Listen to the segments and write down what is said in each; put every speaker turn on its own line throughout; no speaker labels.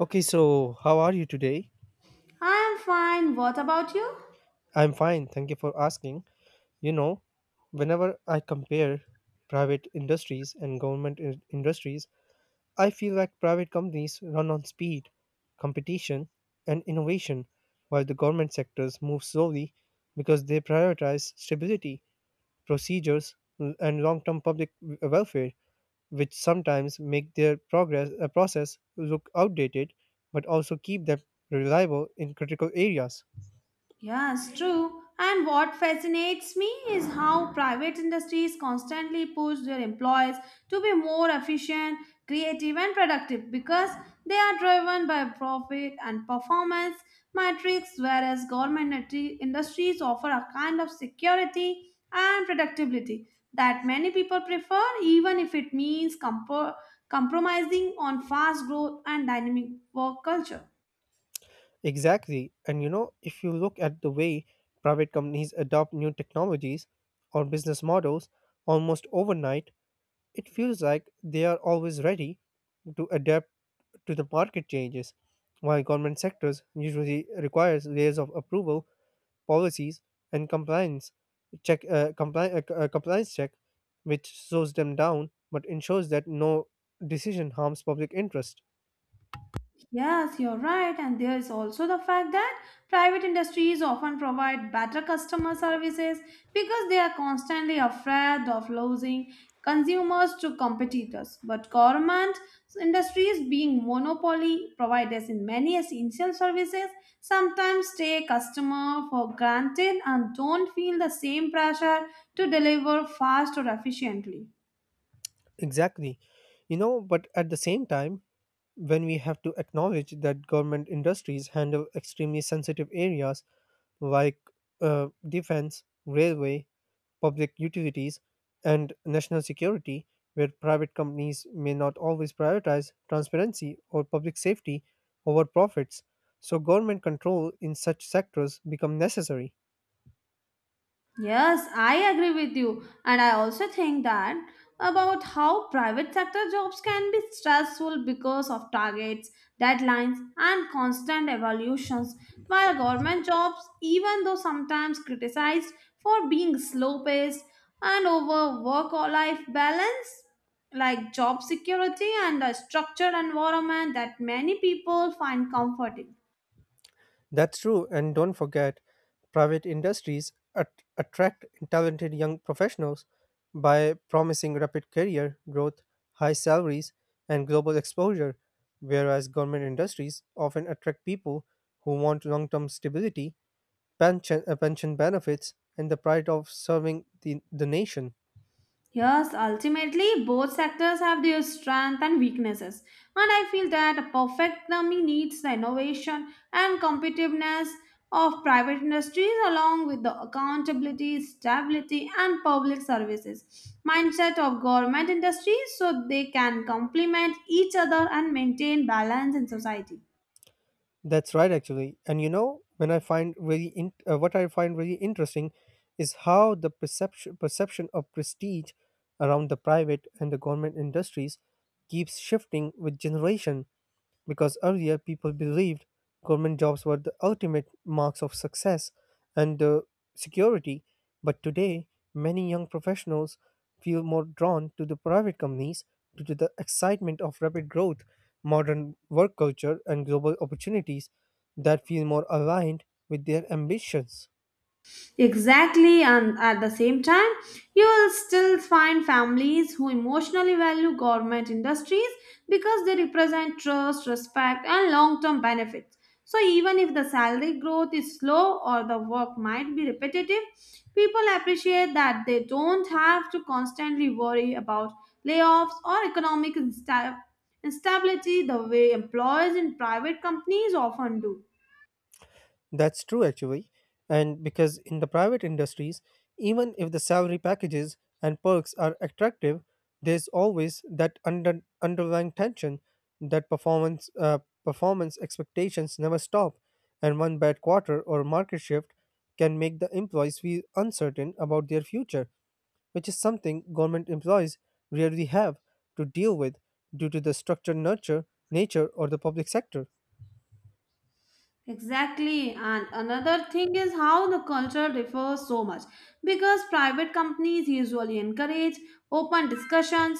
Okay, so how are you today?
I'm fine. What about you?
I'm fine, thank you for asking. You know, whenever I compare private industries and industries, I feel like private companies run on speed, competition, and innovation, while the government sectors move slowly because they prioritize stability, procedures, and long-term public welfare, which sometimes make their progress process look outdated, but also keep them reliable in critical areas.
Yes, true. And what fascinates me is how private industries constantly push their employees to be more efficient, creative, and productive because they are driven by profit and performance metrics, whereas industries offer a kind of security and predictability that many people prefer, even if it means compromising on fast growth and dynamic work culture.
Exactly. And you know, if you look at the way private companies adopt new technologies or business models almost overnight, it feels like they are always ready to adapt to the market changes, while government sectors usually requires layers of approval, policies, and compliance check, which slows them down but ensures that no decision harms public interest.
Yes, you're right. And there is also the fact that private industries often provide better customer services because they are constantly afraid of losing consumers to competitors. But government industries, being monopoly providers in many essential services, sometimes take customer for granted and don't feel the same pressure to deliver fast or efficiently.
Exactly. You know, but at the same time, when we have to acknowledge that government industries handle extremely sensitive areas like defense, railway, public utilities, and national security, where private companies may not always prioritize transparency or public safety over profits. So, government control in such sectors become necessary.
Yes, I agree with you. And I also think that about how private sector jobs can be stressful because of targets, deadlines, and constant evaluations, while government jobs, even though sometimes criticized for being slow paced and over work or life balance, like job security and a structured environment that many people find comforting.
That's true, and don't forget, private industries attract talented young professionals by promising rapid career growth, high salaries, and global exposure, whereas government industries often attract people who want long term stability, pension benefits, and the pride of serving the nation.
Yes, ultimately, both sectors have their strengths and weaknesses, and I feel that a perfect economy needs the innovation and competitiveness of private industries along with the accountability, stability, and public services mindset of government industries so they can complement each other and maintain balance in society.
That's right, actually. And you know, when I find really in, what I find really interesting is how the perception of prestige around the private and the government industries keeps shifting with generation because earlier people believed government jobs were the ultimate marks of success and security. But today, many young professionals feel more drawn to the private companies due to the excitement of rapid growth, modern work culture, and global opportunities that feel more aligned with their ambitions.
Exactly, and at the same time, you will still find families who emotionally value government industries because they represent trust, respect, and long term benefits. So, even if the salary growth is slow or the work might be repetitive, people appreciate that they don't have to constantly worry about layoffs or economic instability the way employees in private companies often do.
That's true, actually. And because in the private industries, even if the salary packages and perks are attractive, there's always that underlying tension that performance expectations never stop, and one bad quarter or market shift can make the employees feel uncertain about their future, which is something government employees rarely have to deal with due to the nature, or the public sector.
Exactly, and another thing is how the culture differs so much because private companies usually encourage open discussions,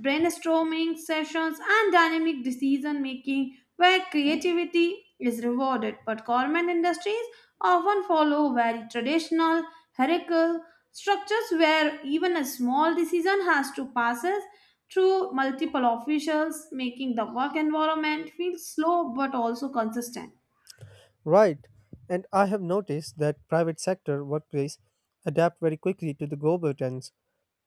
brainstorming sessions, and dynamic decision making where creativity is rewarded. But government industries often follow very traditional, hierarchical structures where even a small decision has to pass through multiple officials, making the work environment feel slow but also consistent.
Right. And I have noticed that private sector workplace adapt very quickly to the global trends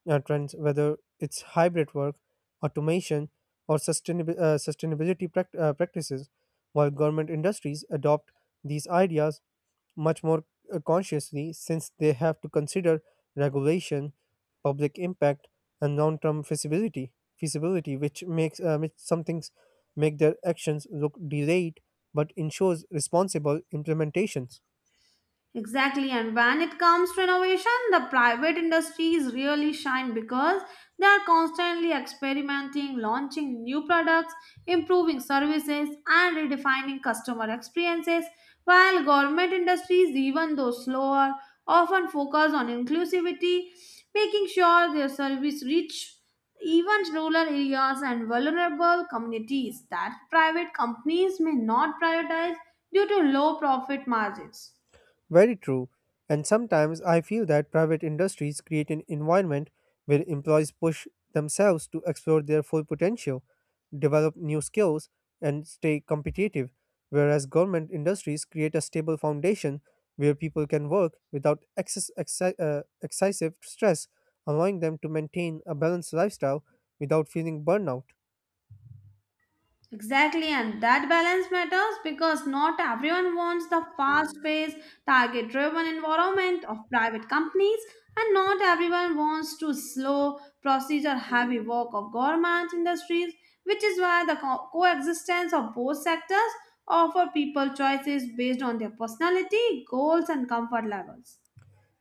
uh, trends, whether it's hybrid work, automation, or practices, while government industries adopt these ideas much more consciously since they have to consider regulation, public impact, and long-term feasibility. Feasibility, which makes which some things make their actions look delayed, but ensures responsible implementations.
Exactly, and when it comes to innovation, the private industries really shine because they are constantly experimenting, launching new products, improving services, and redefining customer experiences, while government industries, even though slower, often focus on inclusivity, making sure their service reach even rural areas and vulnerable communities that private companies may not prioritize due to low profit margins.
Very true. And sometimes I feel that private industries create an environment where employees push themselves to explore their full potential, develop new skills, and stay competitive, whereas government industries create a stable foundation where people can work without excessive stress, allowing them to maintain a balanced lifestyle without feeling burnout.
Exactly, and that balance matters because not everyone wants the fast paced, target driven environment of private companies, and not everyone wants to slow, procedure heavy work of government industries, which is why the coexistence of both sectors offer people choices based on their personality, goals, and comfort levels.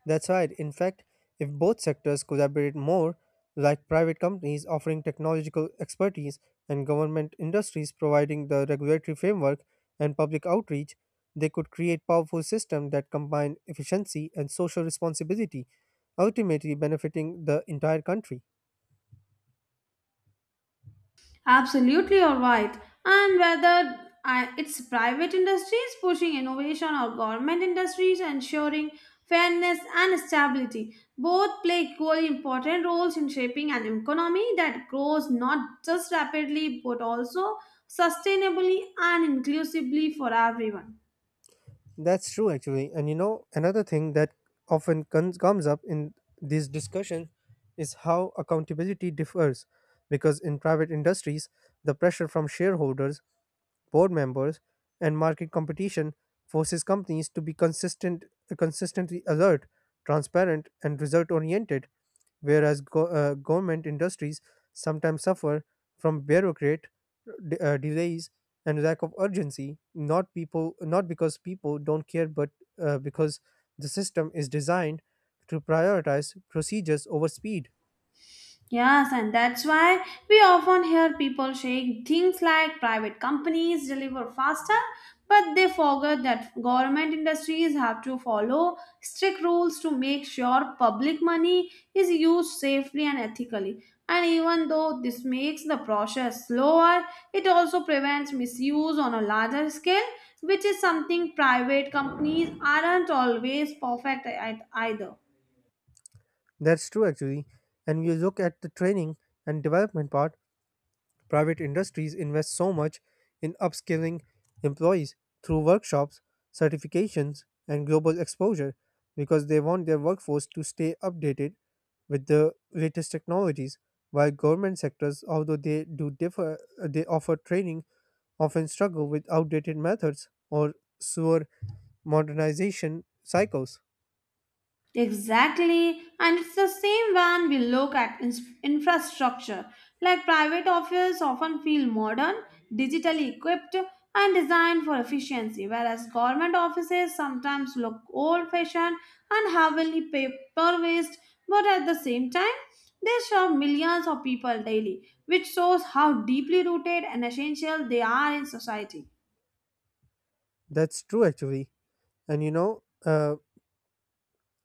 That's right. In fact, if both sectors collaborate more, like private companies offering technological expertise and government industries providing the regulatory framework and public outreach, they could create powerful systems that combine efficiency and social responsibility, ultimately benefiting the entire country.
Absolutely, alright. And it's private industries pushing innovation or government industries ensuring fairness and stability, both play equally important roles in shaping an economy that grows not just rapidly but also sustainably and inclusively for everyone.
That's true, actually. And you know, another thing that often comes up in these discussions is how accountability differs. Because in private industries, the pressure from shareholders board members, and market competition forces companies to be consistently alert, transparent, and result oriented, whereas government industries sometimes suffer from delays and lack of urgency, not people, not because people don't care, but because the system is designed to prioritize procedures over speed.
Yes, and that's why we often hear people saying things like private companies deliver faster, but they forget that government industries have to follow strict rules to make sure public money is used safely and ethically. And even though this makes the process slower, it also prevents misuse on a larger scale, which is something private companies aren't always perfect at either.
That's true, actually. And you look at the training and development part, private industries invest so much in upskilling employees through workshops, certifications, and global exposure because they want their workforce to stay updated with the latest technologies while government sectors although they do differ they offer training often struggle with outdated methods or slower modernization cycles.
Exactly, and it's the same when we look at infrastructure. Like private office often feel modern, digitally equipped, and designed for efficiency, whereas government offices sometimes look old fashioned and heavily paper based, but at the same time, they serve millions of people daily, which shows how deeply rooted and essential they are in society.
that's true actually and you know uh,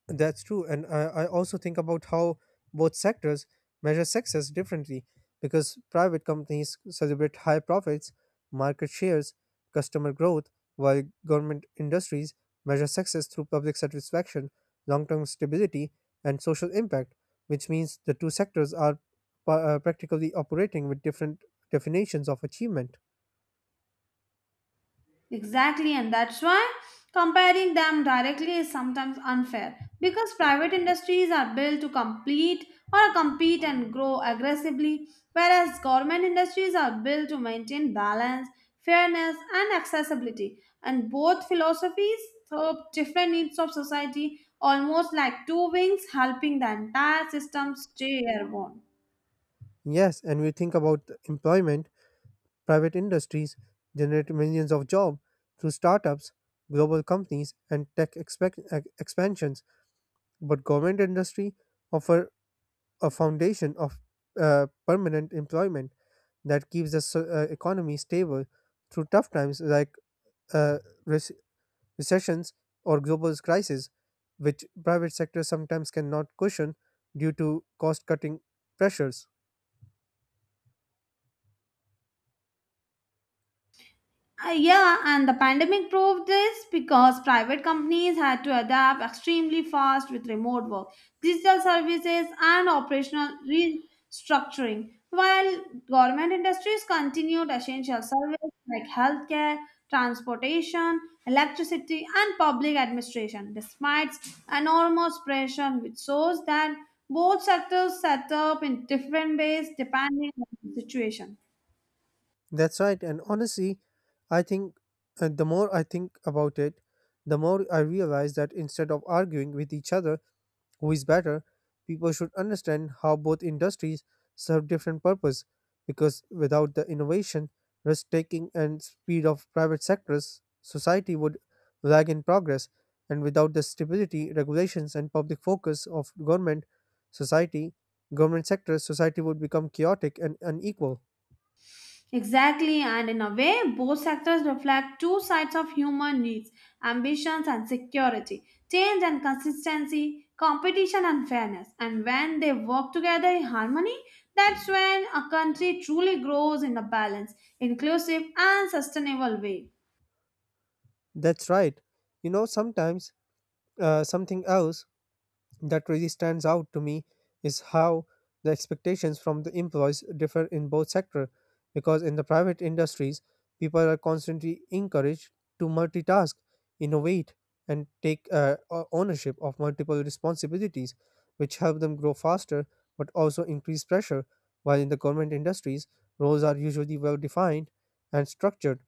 That's true. And I also think about how both sectors measure success differently because private companies celebrate high profits, market shares, customer growth, while government industries measure success through public satisfaction, long term stability, and social impact, which means the two sectors are practically operating with different definitions of achievement.
Exactly, and that's why comparing them directly is sometimes unfair because private industries are built to compete and grow aggressively, whereas government industries are built to maintain balance, fairness, and accessibility. And both philosophies serve different needs of society, almost like two wings helping the entire system stay airborne.
Yes, and we think about employment. Private industries generate millions of jobs through startups, global companies, and expansions, but government industry offer a foundation of permanent employment that keeps the economy stable through tough times like uh, rec- recessions or global crises, which private sector sometimes cannot cushion due to cost-cutting pressures.
Yeah, and the pandemic proved this because private companies had to adapt extremely fast with remote work, digital services, and operational restructuring, while government industries continued essential services like healthcare, transportation, electricity, and public administration, despite enormous pressure, which shows that both sectors set up in different ways depending on the situation.
That's right. And honestly, I think the more I think about it, the more I realize that instead of arguing with each other who is better, people should understand how both industries serve different purpose because without the innovation, risk taking and speed of private sectors, society would lag in progress and without the stability, regulations and public focus of society, government sectors, society would become chaotic and unequal.
Exactly, and in a way, both sectors reflect two sides of human needs ambitions and security, change and consistency, competition and fairness. And when they work together in harmony, that's when a country truly grows in a balanced, inclusive, and sustainable way.
That's right. You know, sometimes something else that really stands out to me is how the expectations from the employees differ in both sectors because in the private industries people are constantly encouraged to multitask innovate and take ownership of multiple responsibilities which help them grow faster but also increase pressure while in the government industries roles are usually well defined and structured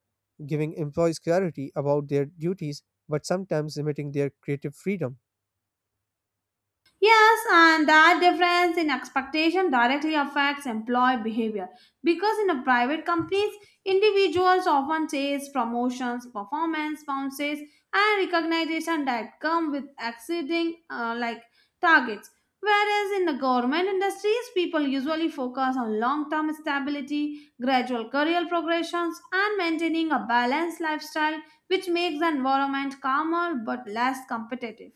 giving employees clarity about their duties but sometimes limiting their creative freedom.
Yes, and that difference in expectation directly affects employee behavior because in a private companies, individuals often chase promotions, performance bonuses, and recognition that come with exceeding targets. Whereas in the government industries, people usually focus on long-term stability, gradual career progressions, and maintaining a balanced lifestyle, which makes the environment calmer but less competitive.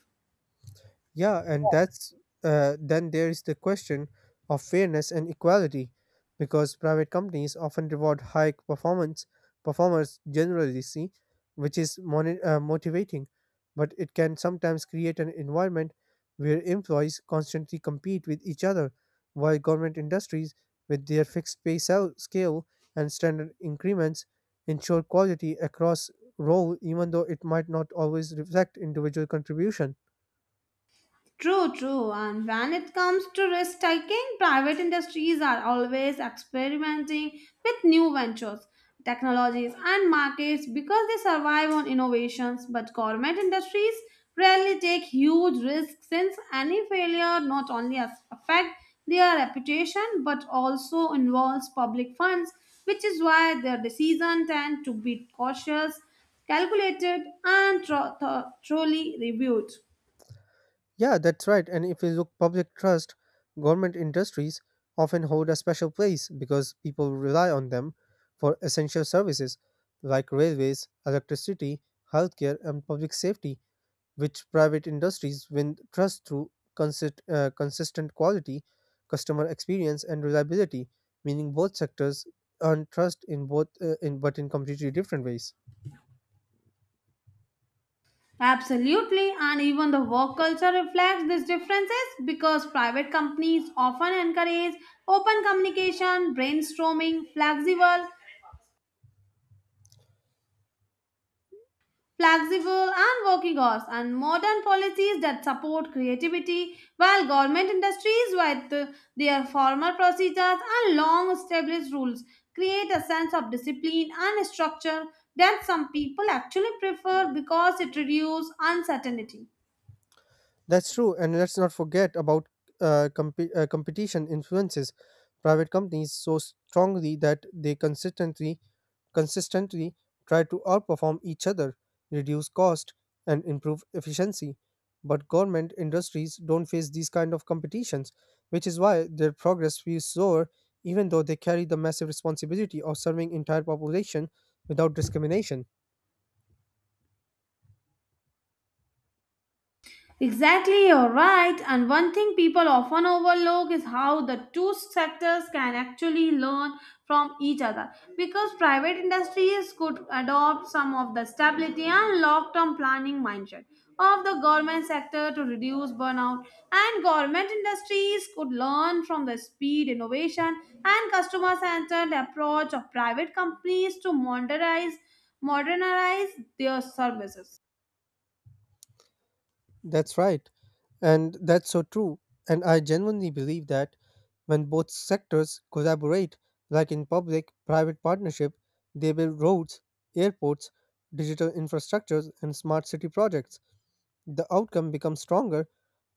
Yeah, and that's Then there is the question of fairness and equality, because private companies often reward high performance performers generally see, which is motivating, but it can sometimes create an environment where employees constantly compete with each other, while government industries, with their fixed scale and standard increments, ensure quality across role, even though it might not always reflect individual contribution.
True. And when it comes to risk taking, private industries are always experimenting with new ventures, technologies, and markets because they survive on innovations. But government industries rarely take huge risks since any failure not only affect their reputation but also involves public funds, which is why their decisions tend to be cautious, calculated, and thoroughly reviewed.
Yeah, that's right. And if you look public trust, government industries often hold a special place because people rely on them for essential services like railways, electricity, healthcare, and public safety, which private industries win trust through consistent quality, customer experience, and reliability, meaning both sectors earn trust in both in but in completely different ways.
Absolutely, and even the work culture reflects these differences because private companies often encourage open communication, brainstorming, flexible and working hours, and modern policies that support creativity, while government industries with their formal procedures and long established rules create a sense of discipline and structure that some people actually prefer because it reduces uncertainty.
That's true, and let's not forget about competition influences private companies so strongly that they consistently try to outperform each other, reduce cost, and improve efficiency. But government industries don't face these kind of competitions, which is why their progress feels slower, even though they carry the massive responsibility of serving entire population without discrimination.
Exactly, you're right. And one thing people often overlook is how the two sectors can actually learn from each other. Because private industries could adopt some of the stability and long term planning mindset of the government sector to reduce burnout, and government industries could learn from the speed, innovation, and customer centered approach of private companies to modernize their services.
That's right. And that's so true. And I genuinely believe that when both sectors collaborate, like in public private partnership, they build roads, airports, digital infrastructures, and smart city projects. The outcome becomes stronger,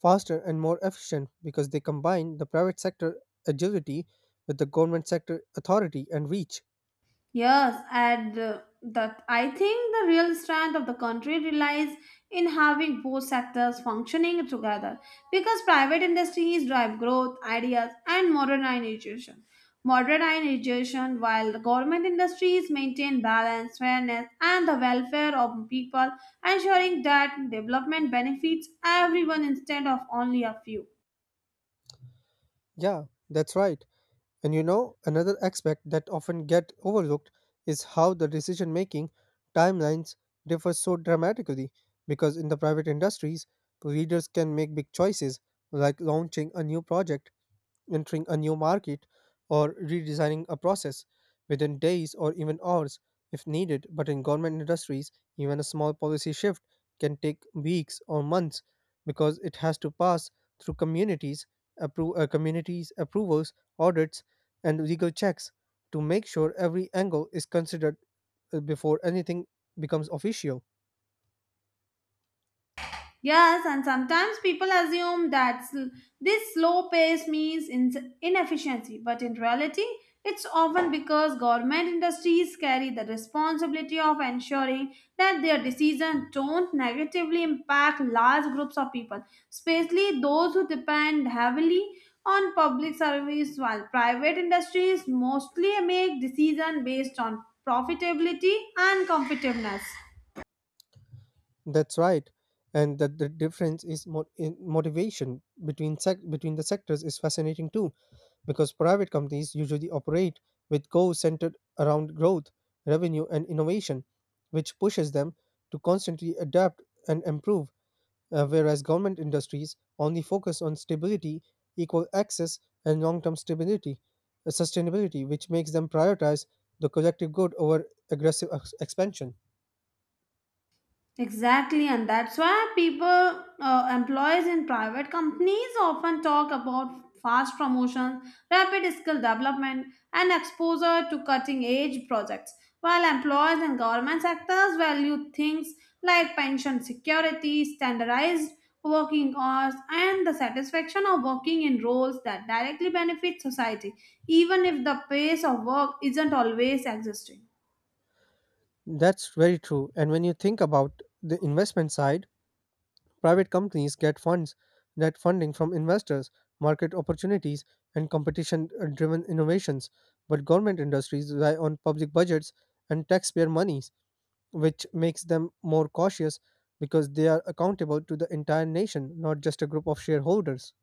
faster, and more efficient because they combine the private sector agility with the government sector authority and reach.
Yes, and that I think the real strength of the country relies in having both sectors functioning together because private industries drive growth, ideas, and modernization, while the government industries maintain balance, fairness, and the welfare of people, ensuring that development benefits everyone instead of only a few.
Yeah, that's right. And you know, another aspect that often get overlooked is how the decision making timelines differ so dramatically because in the private industries, leaders can make big choices like launching a new project entering a new market or redesigning a process within days or even hours if needed. But in government industries, even a small policy shift can take weeks or months because it has to pass through communities approvals, audits, and legal checks to make sure every angle is considered before anything becomes official.
Yes, and sometimes people assume that this slow pace means inefficiency, but in reality, it's often because government industries carry the responsibility of ensuring that their decisions don't negatively impact large groups of people, especially those who depend heavily on public service, while private industries mostly make decisions based on profitability and competitiveness.
That's right. And that the difference is in motivation between the sectors is fascinating too, because private companies usually operate with goals centered around growth, revenue, and innovation, which pushes them to constantly adapt and improve, whereas government industries only focus on stability, equal access, and long-term sustainability, which makes them prioritize the collective good over aggressive expansion.
Exactly, and that's why employees in private companies often talk about fast promotions, rapid skill development, and exposure to cutting edge projects, while employees in government sectors value things like pension security, standardized working hours, and the satisfaction of working in roles that directly benefit society, even if the pace of work isn't always existing.
That's very true. And when you think about the investment side, private companies get funds that funding from investors, market opportunities, and competition driven innovations. But government industries rely on public budgets and taxpayer monies, which makes them more cautious because they are accountable to the entire nation, not just a group of shareholders.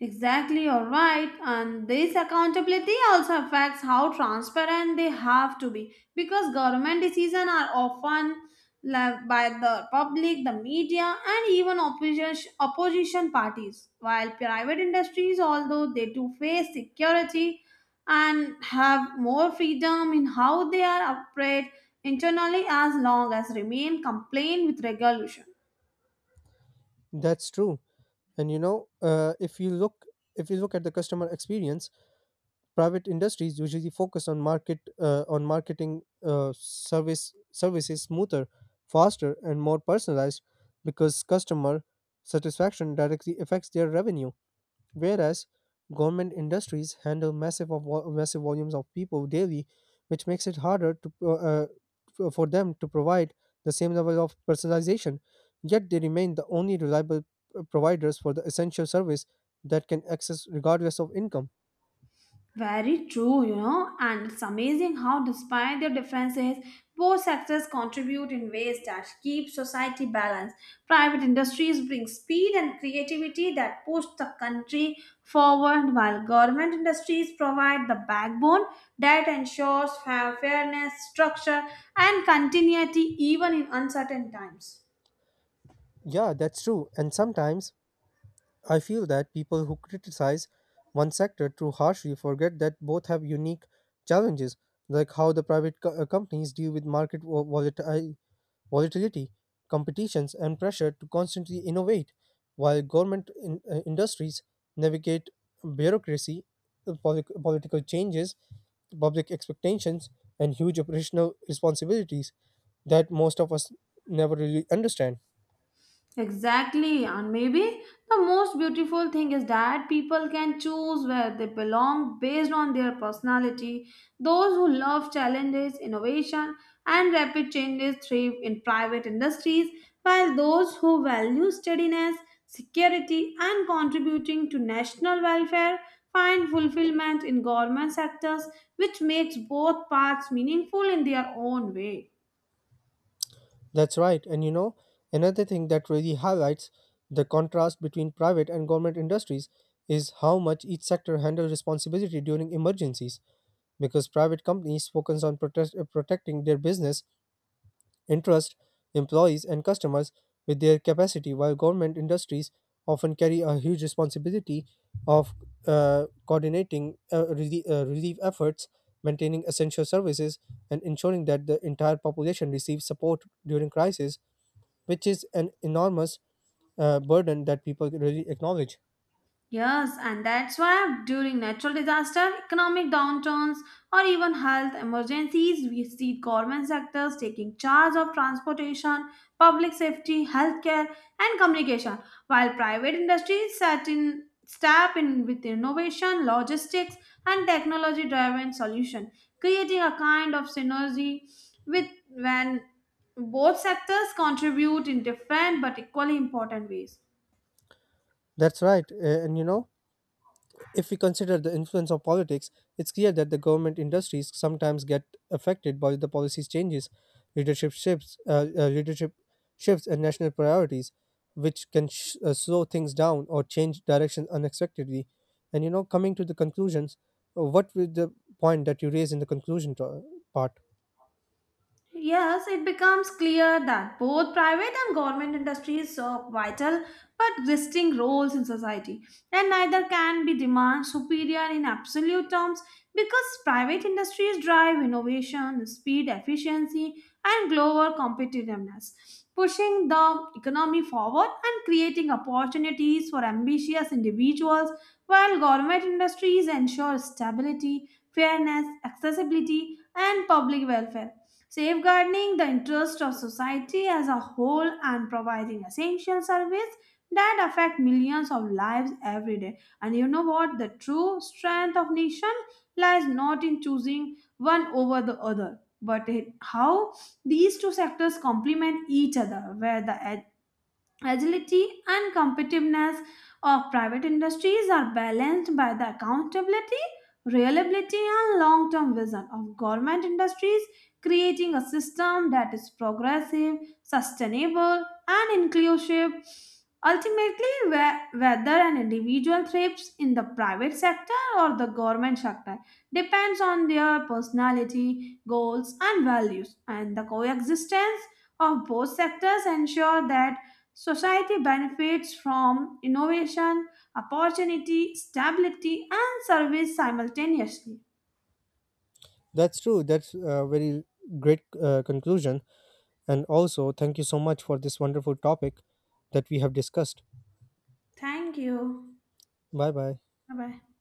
Exactly, you're right. And this accountability also affects how transparent they have to be because government decisions are often led by the public, the media, and even opposition parties. While private industries, although they do face security and have more freedom in how they are operate internally as long as remain compliant with regulation.
That's true. And you know, if you look at the customer experience, private industries usually focus on market on marketing service services smoother, faster, and more personalized because customer satisfaction directly affects their revenue whereas government industries handle massive volumes of people daily, which makes it harder to for them to provide the same level of personalization. Yet they remain the only reliable providers for the essential service that can access regardless of income.
Very true, you know, and it's amazing how, despite their differences, both sectors contribute in ways that keep society balanced. Private industries bring speed and creativity that push the country forward, while government industries provide the backbone that ensures fairness, structure, and continuity even in uncertain times.
Yeah, that's true. And sometimes I feel that people who criticize one sector too harshly forget that both have unique challenges, like how the companies deal with volatility, competitions, and pressure to constantly innovate, while government industries navigate bureaucracy, political changes, public expectations, and huge operational responsibilities that most of us never really understand.
Exactly, and maybe the most beautiful thing is that people can choose where they belong based on their personality. Those who love challenges, innovation, and rapid changes thrive in private industries, while those who value steadiness, security, and contributing to national welfare find fulfillment in government sectors, which makes both paths meaningful in their own way.
That's right. And you know, another thing that really highlights the contrast between private and government industries is how much each sector handles responsibility during emergencies. Because private companies focus on protecting their business, interest, employees, and customers with their capacity, while government industries often carry a huge responsibility of coordinating relief efforts, maintaining essential services, and ensuring that the entire population receives support during crisis which is an enormous burden that people really acknowledge.
Yes, and that's why during natural disaster, economic downturns, or even health emergencies, we see government sectors taking charge of transportation, public safety, healthcare, and communication, while private industries set in step in with innovation, logistics, and technology-driven solution, creating a kind of synergy with when both sectors contribute in different but equally important ways.
That's right. And you know, if we consider the influence of politics, it's clear that the government industries sometimes get affected by the policies changes, leadership shifts, and national priorities, which can slow things down or change direction unexpectedly. And you know, coming to the conclusions, what with the point that you raised in the conclusion part?
Yes, it becomes clear that both private and government industries serve vital but distinct roles in society, and neither can be deemed superior in absolute terms because private industries drive innovation, speed, efficiency, and global competitiveness, pushing the economy forward and creating opportunities for ambitious individuals, while government industries ensure stability, fairness, accessibility, and public welfare safeguarding the interests of society as a whole and providing essential service that affect millions of lives every day. And you know what, the true strength of nation lies not in choosing one over the other but in how these two sectors complement each other where the agility and competitiveness of private industries are balanced by the accountability, reliability, and long term vision of government industries, creating a system that is progressive, sustainable, and inclusive. Ultimately, whether an individual thrives in the private sector or the government sector depends on their personality, goals, and values, and the coexistence of both sectors ensure that society benefits from innovation, opportunity, stability, and service simultaneously.
That's true. That's a very great conclusion. And also, thank you so much for this wonderful topic that we have discussed.
Thank you.
Bye bye.
Bye bye.